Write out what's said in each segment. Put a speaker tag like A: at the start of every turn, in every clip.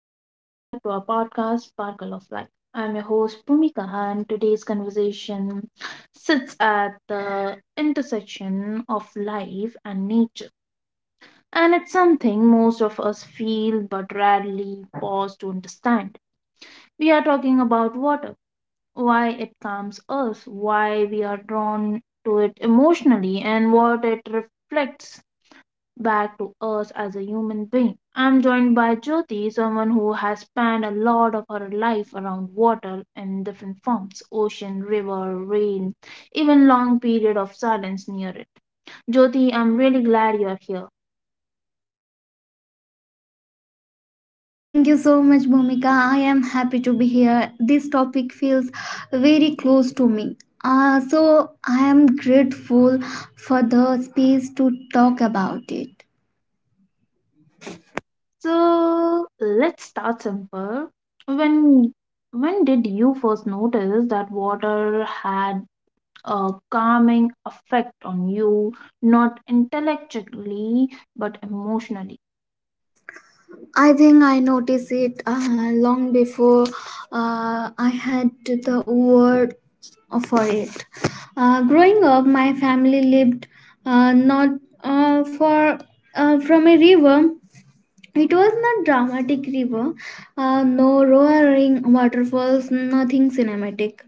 A: and welcome back to our podcast, Sparkle of Life. I'm your host, Bhumika, and today's conversation sits at the intersection of life and nature. And it's something most of us feel but rarely pause to understand. We are talking about water, why it calms us, why we are drawn to it emotionally, and what it reflects back to us as a human being. I'm joined by Jyoti, someone who has spent a lot of her life around water in different forms ocean, river, rain, even long period of silence near it. Jyoti, I'm really glad you're here.
B: Thank you so much, Bhumika. I am happy to be here. This topic feels very close to me. I am grateful for the space to talk about it.
A: So let's start simple. When when did you first notice that water had a calming effect on you, not intellectually but emotionally?
B: I think I noticed it long before I had the word for it. Growing up, my family lived not for from a river. It was not dramatic river, no roaring waterfalls, nothing cinematic.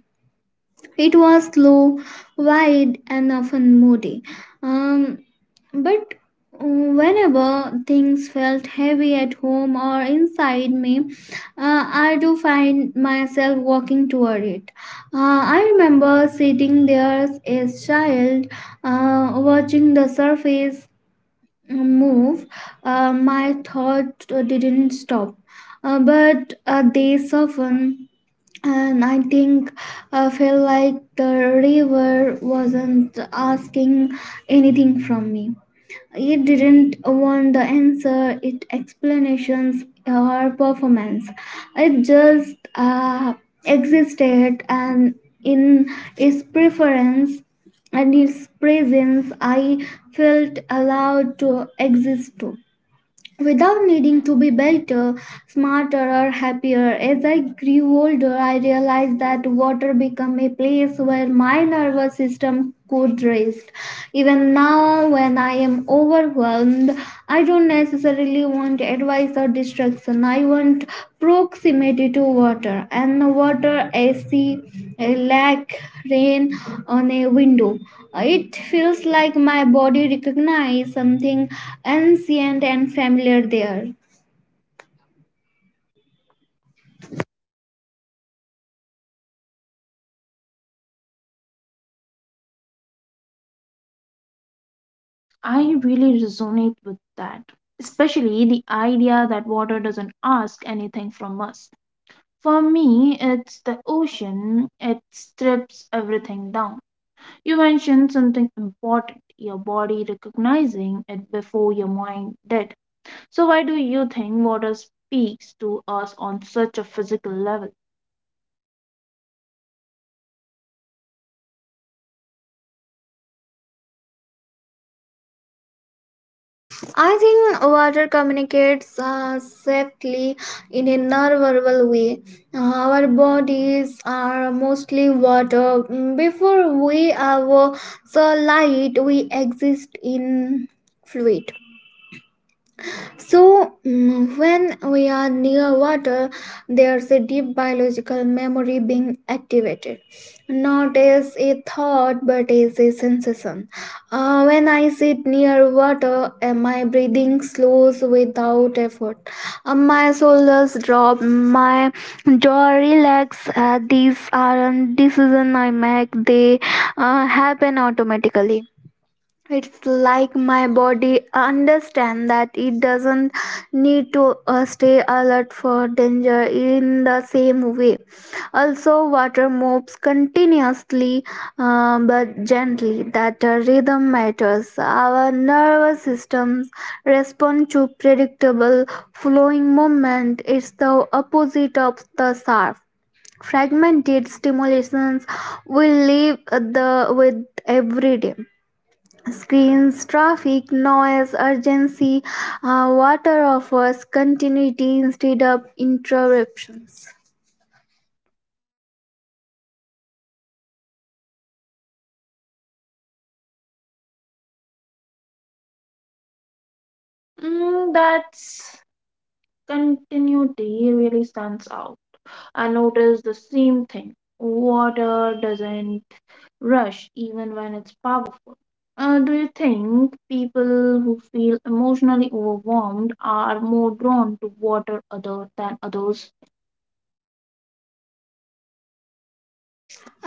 B: It was slow, wide, and often moody. Um, but uh, Whenever things felt heavy at home or inside me, I do find myself walking toward it. I remember sitting there as a child, watching the surface move, my thought didn't stop, but they softened, and I think I felt like the river wasn't asking anything from me. It didn't want the answer, it explanations her performance. It just existed, and in its preference and its presence I felt allowed to exist too, without needing to be better, smarter, or happier. As I grew older, I realized that water became a place where my nervous system could rest. Even now, when I am overwhelmed, I don't necessarily want advice or distraction. I want proximity to water, and water, ac a lake, rain on a window. It feels like my body recognizes something ancient and familiar there.
A: I really resonate with that, especially the idea that water doesn't ask anything from us. For me, it's the ocean, it strips everything down. You mentioned something important, your body recognizing it before your mind did. So, why do you think water speaks to us on such a physical level?
B: I think water communicates safely in a non-verbal way. Our bodies are mostly water. Before we have so light, we exist in fluid. So, when we are near water, there's a deep biological memory being activated. Not as a thought, but as a sensation. When I sit near water, my breathing slows without effort. My shoulders drop, my jaw relax. These aren't decisions I make, they happen automatically. It's like my body understand that it doesn't need to stay alert for danger in the same way. Also, water moves continuously, but gently, that the rhythm matters. Our nervous systems respond to predictable, flowing movement. It's the opposite of the surf, fragmented stimulations we live the with every day: screens, traffic, noise, urgency. Water offers continuity instead of interruptions.
A: Mm, that's continuity really stands out. I notice the same thing. Water doesn't rush even when it's powerful. Do you think people who feel emotionally overwhelmed are more drawn to water other than others?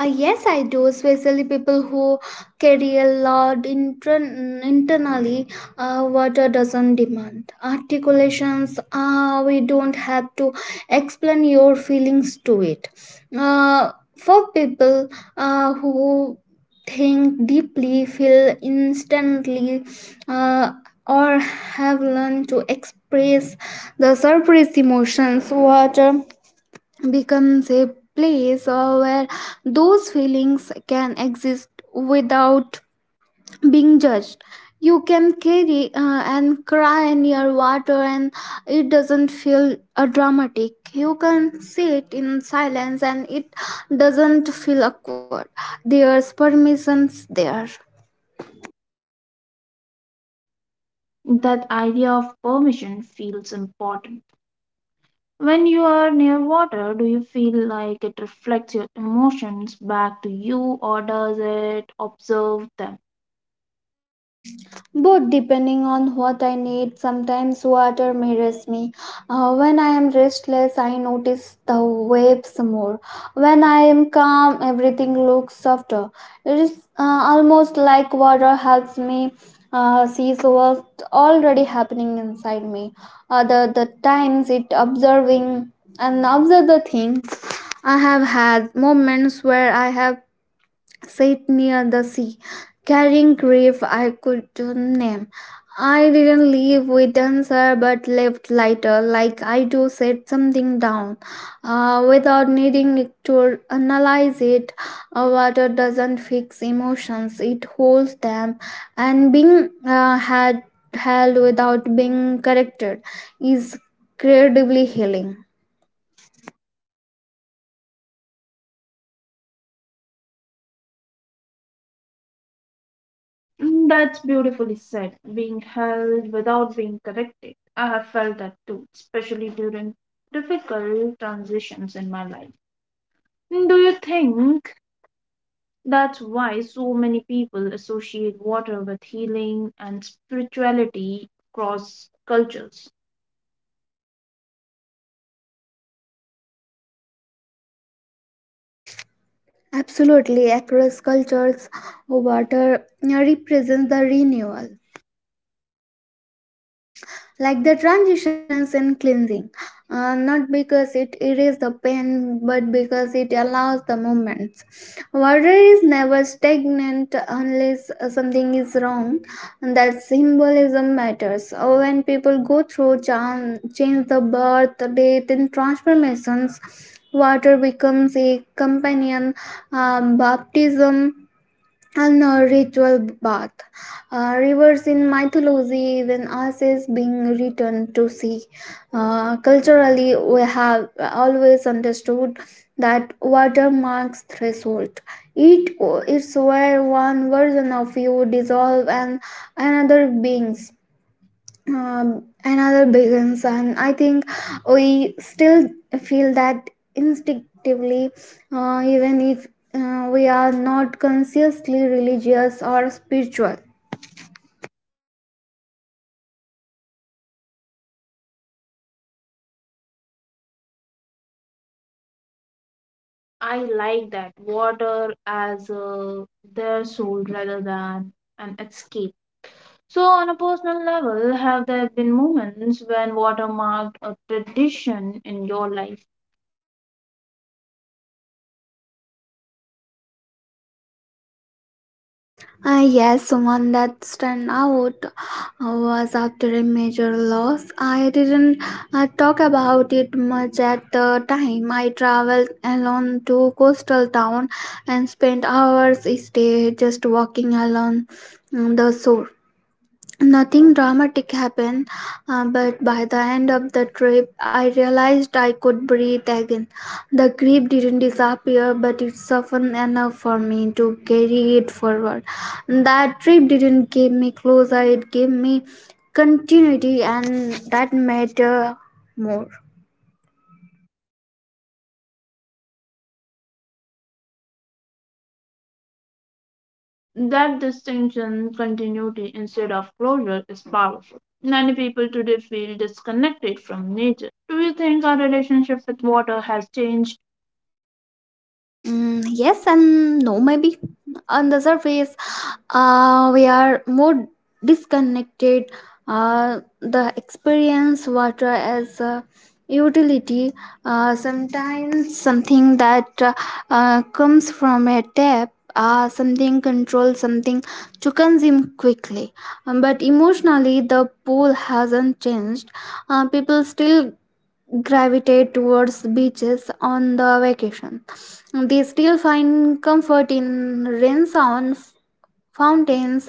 B: Yes, I do, especially people who carry a lot internally. Water doesn't demand. Articulations, we don't have to explain your feelings to it. Uh, for people who think deeply, feel instantly, uh, or have learned to express the surface emotions, water becomes a place where those feelings can exist without being judged. You can carry and cry near water, and it doesn't feel dramatic. You can sit in silence, and it doesn't feel awkward. There's permissions there.
A: That idea of permission feels important. When you are near water, do you feel like it reflects your emotions back to you or does it observe them?
B: Both, depending on what I need. Sometimes water mirrors me. When I am restless, I notice the waves more. When I am calm, everything looks softer. It is almost like water helps me see what's already happening inside me. Other the times it observing and observe the things. I have had moments where I have sit near the sea, carrying grief I could not name. I didn't leave with answer but left lighter, like I do set something down, without needing to analyze it. Water doesn't fix emotions, it holds them, and being had held without being corrected is incredibly healing.
A: Mm, that's beautifully said. Being held without being corrected. I have felt that too, especially during difficult transitions in my life. Mm, do you think that's why so many people associate water with healing and spirituality across cultures?
B: Absolutely. Across cultures, water represents the renewal, like the transitions in cleansing, not because it erases the pain but because it allows the movements. Water is never stagnant unless something is wrong, and that symbolism matters. When people go through change, the birth, death, and transformations, water becomes a companion. Baptism and a ritual bath. Rivers in mythology, even us is being returned to sea. Culturally, we have always understood that water marks threshold. It's where one version of you dissolve and another beings. Another big concern. I think we still feel that instinctively, even if we are not consciously religious or spiritual.
A: I like that water as a, their soul rather than an escape. So, on a personal level, have there been moments when water marked a tradition in your life?
B: Yes, one that stand out was after a major loss. I didn't talk about it much at the time. I traveled alone to coastal town and spent hours each day just walking along the shore. Nothing dramatic happened, but by the end of the trip, I realized I could breathe again. The grief didn't disappear, but it softened enough for me to carry it forward. That trip didn't give me closure, it gave me continuity, and that matter more.
A: That distinction, continuity instead of closure, is powerful. Many people today feel disconnected from nature. Do you think our relationship with water has changed?
B: Yes and no, maybe. On the surface, we are more disconnected. The experience water as a utility, Sometimes something that comes from a tap. Something controlled, something to consume quickly. But emotionally, the pool hasn't changed. People still gravitate towards beaches on the vacation. They still find comfort in rain sound, fountains,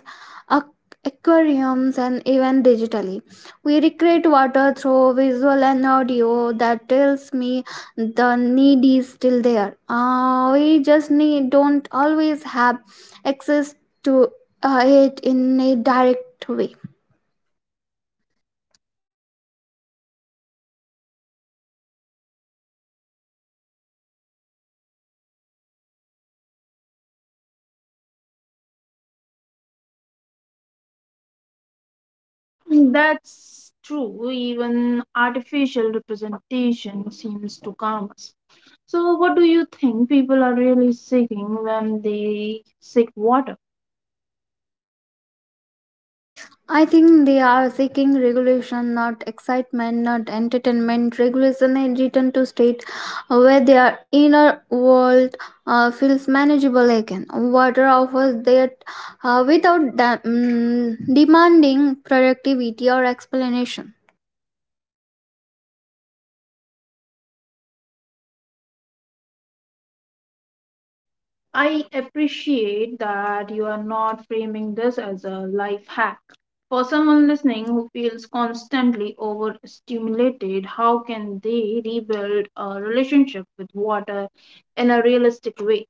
B: ac- aquariums, and even digitally. We recreate water through visual and audio, that tells me the need is still there. We just need don't always have access to it in a direct way.
A: That's true. Even artificial representation seems to calm us. So, what do you think people are really seeking when they seek water?
B: I think they are seeking regulation, not excitement, not entertainment. Regulation and return to state where their inner world feels manageable again. Water offers that without demanding productivity or explanation.
A: I appreciate that you are not framing this as a life hack. For someone listening who feels constantly overstimulated, how can they rebuild a relationship with water in a realistic way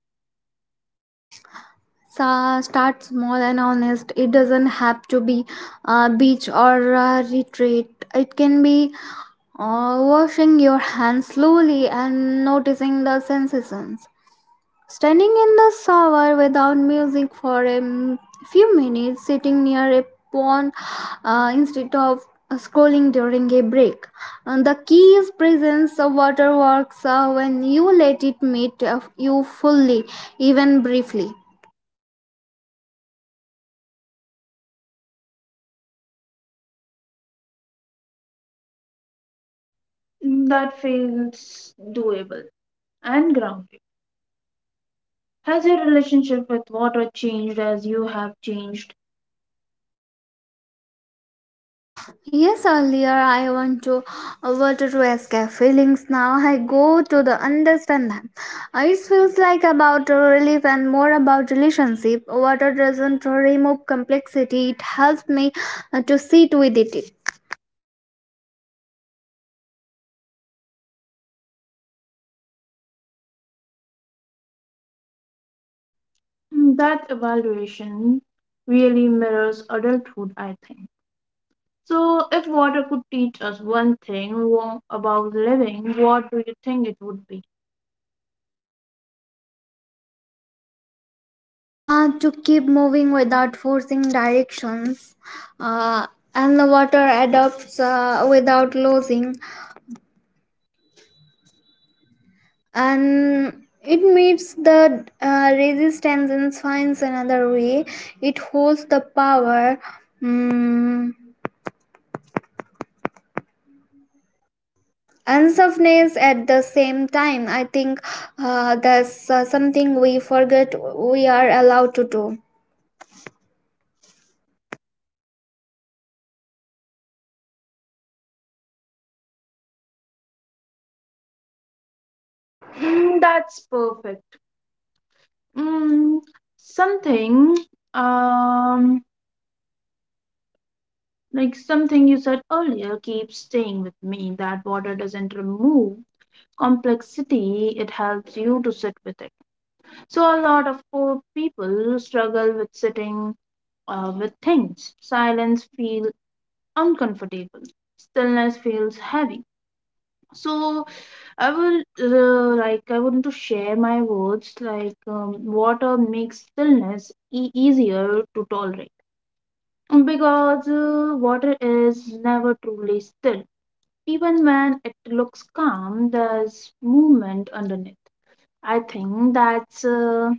B: So start small and honest. It doesn't have to be a beach or a retreat. It can be washing your hands slowly and noticing the sensations. Standing in the shower without music for a few minutes, sitting near a pond instead of scrolling during a break. And the key is presence of water works when you let it meet you fully, even briefly.
A: that feels doable and grounded? Has your relationship with water changed as you have changed?
B: Yes, earlier I wanted to escape feelings. Now I go to the understand them. It feels like about relief and more about relationship. Water doesn't remove complexity. It helps me to sit with it,
A: Hmm, that evaluation really mirrors adulthood, I think. So, if water could teach us one thing about living, what do you think it would be?
B: to keep moving without forcing directions, uh, and the water adapts without losing, and it meets the resistance and finds another way. It holds the power, mm, and softness at the same time. I think that's something we forget we are allowed to do.
A: Mm, that's perfect. Mm, something, um, like something you said earlier, keeps staying with me that water doesn't remove complexity, it helps you to sit with it. So, a lot of poor people struggle with sitting with things. Silence feels uncomfortable, stillness feels heavy. So I will like I want to share my words like water makes stillness easier to tolerate because water is never truly still. Even when it looks calm, there's movement underneath. I think that's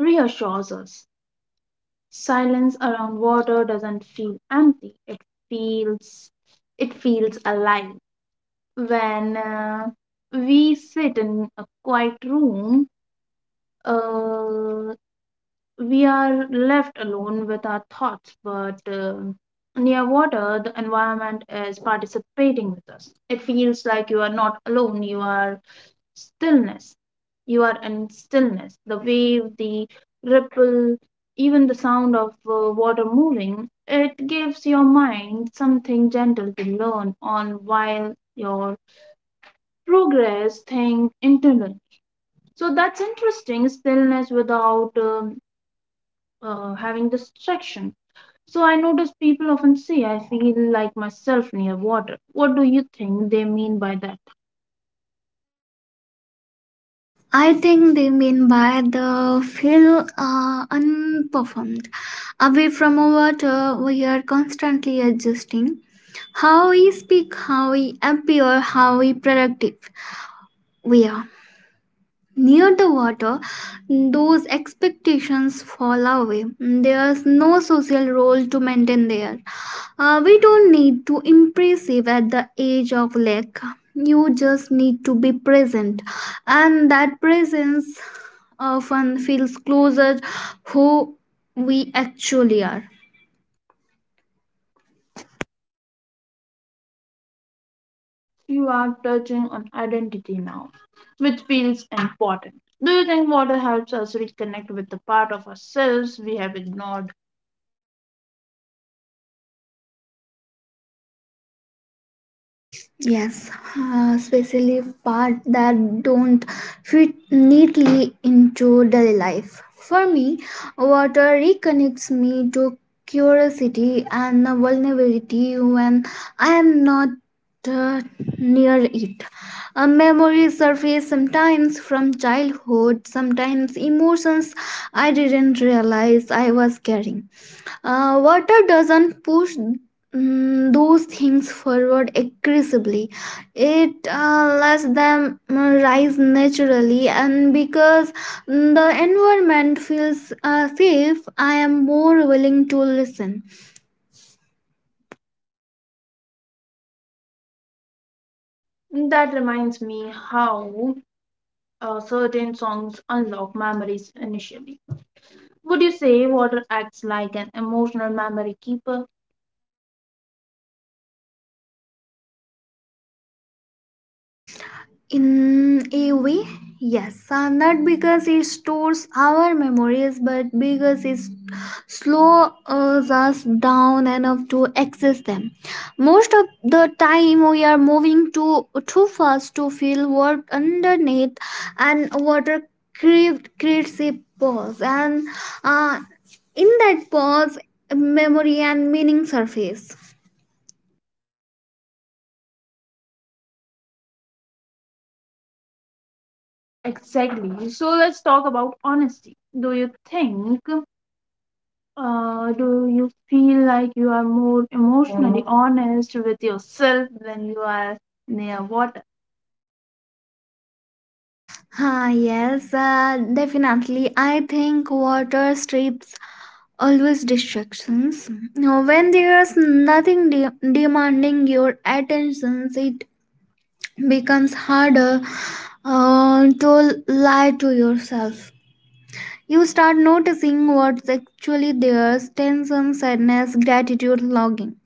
A: reassures us. Silence around water doesn't feel empty. It feels feels alive. When we sit in a quiet room, uh, we are left alone with our thoughts, but near water, the environment is participating with us. It feels like you are not alone, stillness. You are in stillness. The wave, the ripple, even the sound of water moving, it gives your mind something gentle to learn on while your progress thing internally. So that's interesting, stillness without having distraction. So I notice people often say, I feel like myself near water. What do you think they mean by that?
B: I think they mean by the feel unperformed. Away from water, we are constantly adjusting how we speak, how we appear, how we productive we are. Near the water, those expectations fall away. There's no social role to maintain there. We don't need to impressive at the edge of lake. You just need to be present, and that presence often feels closer who we actually are.
A: You are touching on identity now, which feels important. Do you think water helps us reconnect with the part of ourselves we have ignored?
B: Yes, especially part that don't fit neatly into daily life. For me, water reconnects me to curiosity and vulnerability. When I am not uh, near it, a memory surface sometimes from childhood, sometimes emotions I didn't realize I was carrying. Water doesn't push those things forward aggressively. It lets them rise naturally, and because the environment feels safe, I am more willing to listen.
A: That reminds me how certain songs unlock memories initially. Would you say water acts like an emotional memory keeper?
B: In a way, yes. Not because it stores our memories, but because it slows us down enough to access them. Most of the time, we are moving too fast to feel what underneath, and water craved creates a pause, and uh, in that pause, memory and meaning surface.
A: Exactly. So let's talk about honesty. Do you feel like you are more emotionally honest with yourself when you are near water?
B: Ah, yes, definitely. I think water strips always distractions. Now when there's nothing demanding your attention, it becomes harder to lie to yourself. You start noticing what's actually there: tension, sadness, gratitude, longing.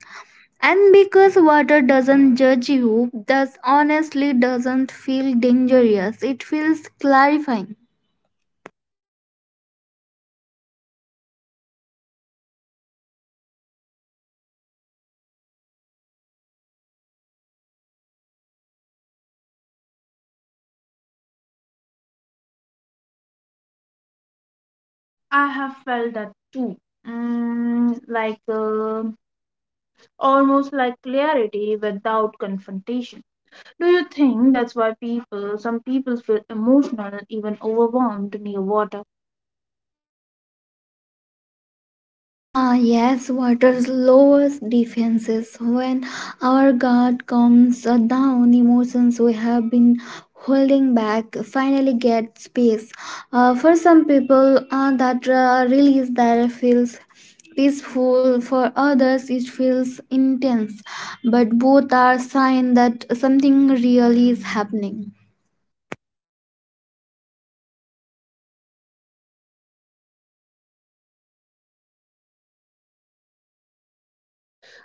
B: And because water doesn't judge you, thus honestly doesn't feel dangerous, it feels clarifying.
A: I have felt that too. Mm, almost like clarity without confrontation. Do you think that's why some people feel emotional, even overwhelmed near water?
B: Ah, yes, water's lowest defenses. When our guard comes down, emotions we have been holding back finally get space. For some people, that release that feels peaceful. For others, it feels intense. But both are sign that something really is happening.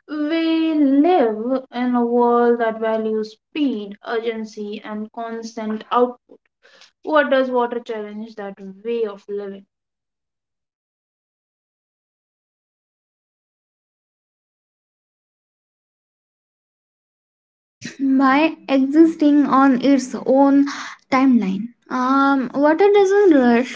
A: We live in a world that values speed, urgency, and constant output. What does water challenge that way of living?
B: By existing on its own timeline. Water doesn't rush,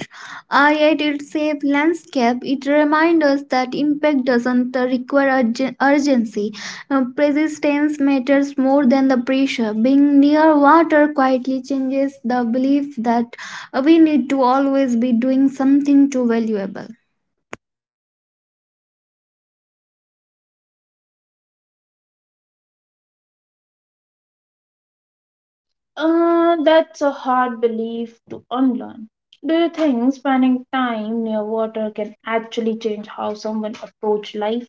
B: yet it saves landscape. It reminds us that impact doesn't require urgency. Persistence matters more than the pressure. Being near water quietly changes the belief that we need to always be doing something too valuable.
A: That's a hard belief to unlearn. Do you think spending time near water can actually change how someone approaches life?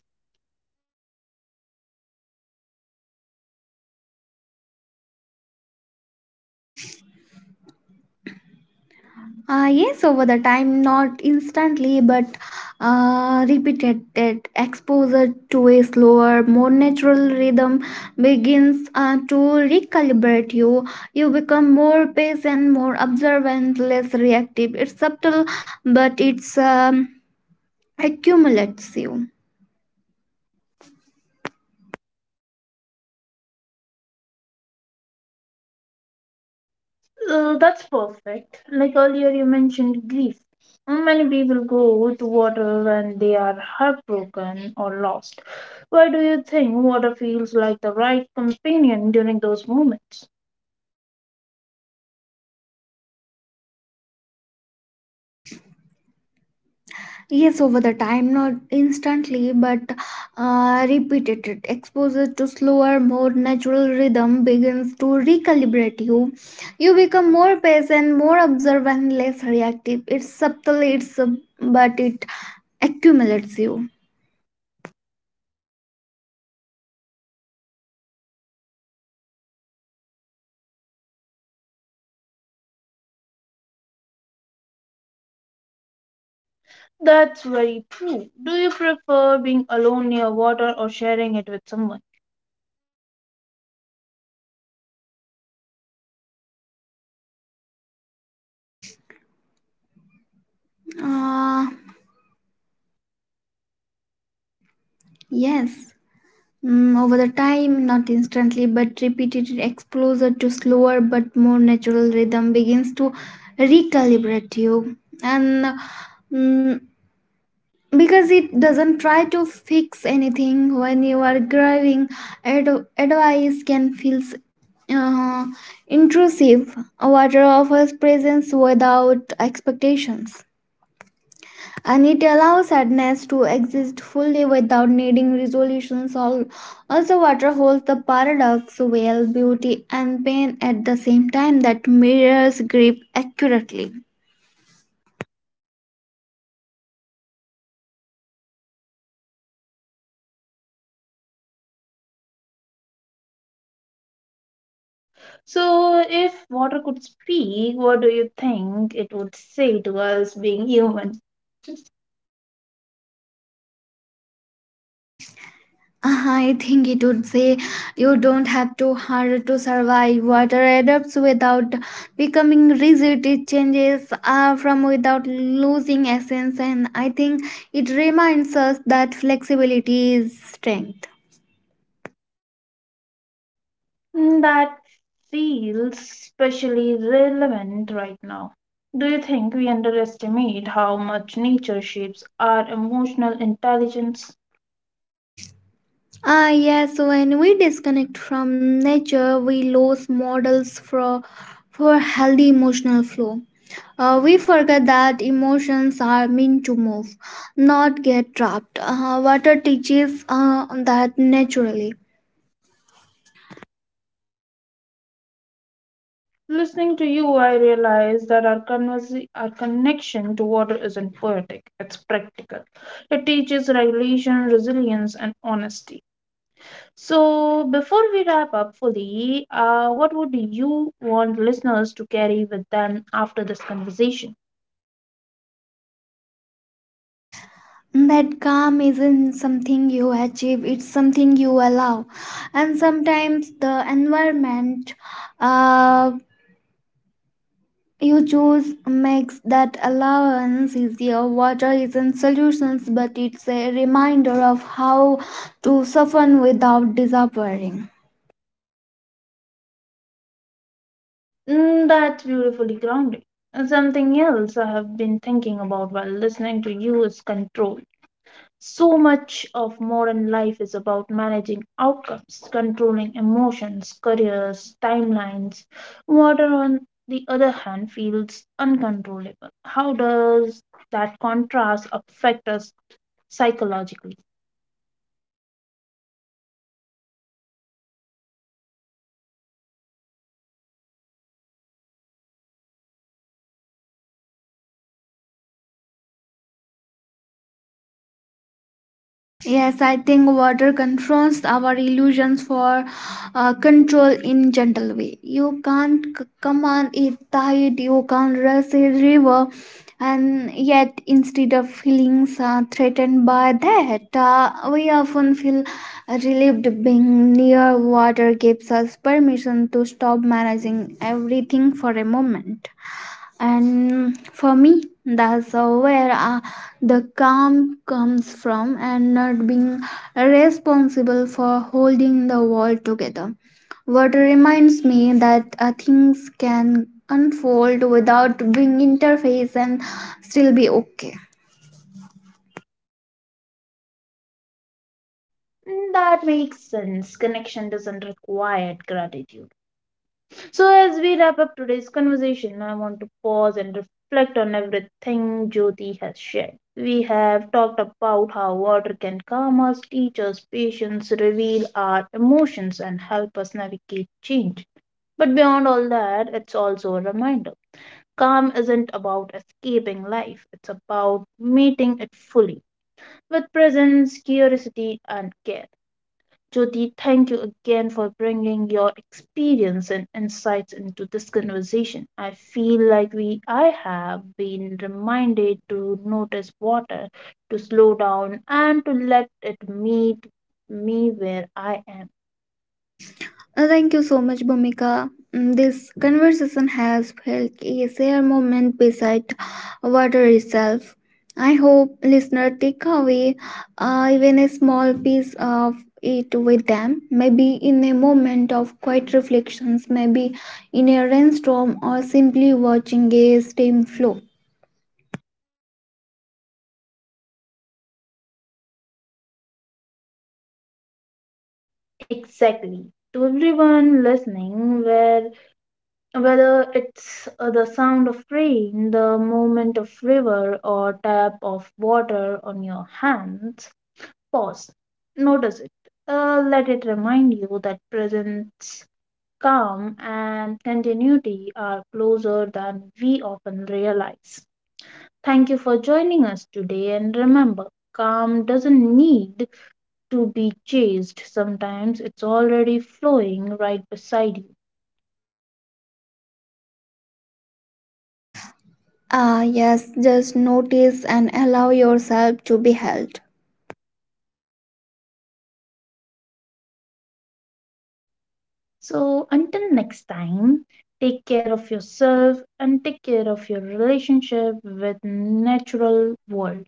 B: Yes, over the time, not instantly, but repeated that exposure to a slower, more natural rhythm begins to recalibrate you. You become more patient, more observant, less reactive. It's subtle, but it's accumulates you.
A: That's perfect. Like earlier, you mentioned grief. Mm, many people go to water when they are heartbroken or lost. Why do you think water feels like the right companion during those moments?
B: Yes, over the time, not instantly, but repeated it. Exposure to slower, more natural rhythm begins to recalibrate you. You become more patient, more observant, less reactive. It's subtle, but it accumulates you.
A: That's very true. Do you prefer being alone near water or sharing it with someone?
B: Uh, yes. Over the time, not instantly, but repeated exposure to slower but more natural rhythm begins to recalibrate you. And mm, because it doesn't try to fix anything when you are grieving, advice can feel uh, intrusive. Water offers presence without expectations, and it allows sadness to exist fully without needing resolutions. Also, water holds the paradox well, beauty and pain at the same time, that mirrors grief accurately.
A: So, if water could speak, what do you think it would say to us being human?
B: Uh-huh, I think it would say you don't have to hard to survive. Water adapts without becoming rigid. It changes from without losing essence, and I think it reminds us that flexibility is strength.
A: Mm, that feels especially relevant right now. Do you think we underestimate how much nature shapes our emotional intelligence?
B: Ah, yes, when we disconnect from nature, we lose models for healthy emotional flow. We forget that emotions are meant to move, not get trapped. Water teaches that naturally.
A: Listening to you, I realize that our connection to water isn't poetic, it's practical. It teaches regulation, resilience, and honesty. So, before we wrap up fully, what would you want listeners to carry with them after this conversation?
B: That calm isn't something you achieve, it's something you allow. And sometimes the environment uh, you choose makes that allowance easier. Water isn't solutions, but it's a reminder of how to soften without disappearing.
A: Mm, that's beautifully grounding. And something else I have been thinking about while listening to you is control. So much of modern life is about managing outcomes, controlling emotions, careers, timelines. Water, on the other hand, feels uncontrollable. How does that contrast affect us psychologically?
B: Yes, I think water confronts our illusions for control in gentle way. You can't command it tide, you can't rush a river, and yet instead of feeling threatened by that, we often feel relieved. Being near water gives us permission to stop managing everything for a moment, and for me that's where the calm comes from, and not being responsible for holding the world together. Water reminds me that things can unfold without being interface and still be okay.
A: Mm, that makes sense. Connection doesn't require gratitude. So, as we wrap up today's conversation, I want to pause and reflect on everything Jyoti has shared. We have talked about how water can calm us, teach us patience, reveal our emotions, and help us navigate change. But beyond all that, it's also a reminder calm isn't about escaping life, it's about meeting it fully with presence, curiosity, and care. Jyoti, thank you again for bringing your experience and insights into this conversation. I feel like we I have been reminded to notice water, to slow down and to let it meet me where I am.
B: Thank you so much, Bhumika. This conversation has felt a shared moment beside water itself. I hope listeners take away even a small piece of it with them, maybe in a moment of quiet reflections, maybe in a rainstorm, or simply watching a stream flow.
A: Exactly. To everyone listening, where whether it's the sound of rain, the movement of river or tap of water on your hands, pause. Notice it. Let it remind you that presence, calm, and continuity are closer than we often realize. Thank you for joining us today, and remember, calm doesn't need to be chased. Sometimes it's already flowing right beside you.
B: Ah, yes, just notice and allow yourself to be held.
A: So, until next time, take care of yourself and take care of your relationship with natural world.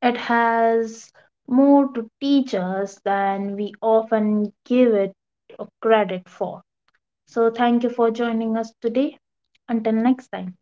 A: It has more to teach us than we often give it credit for. So, thank you for joining us today. Until next time.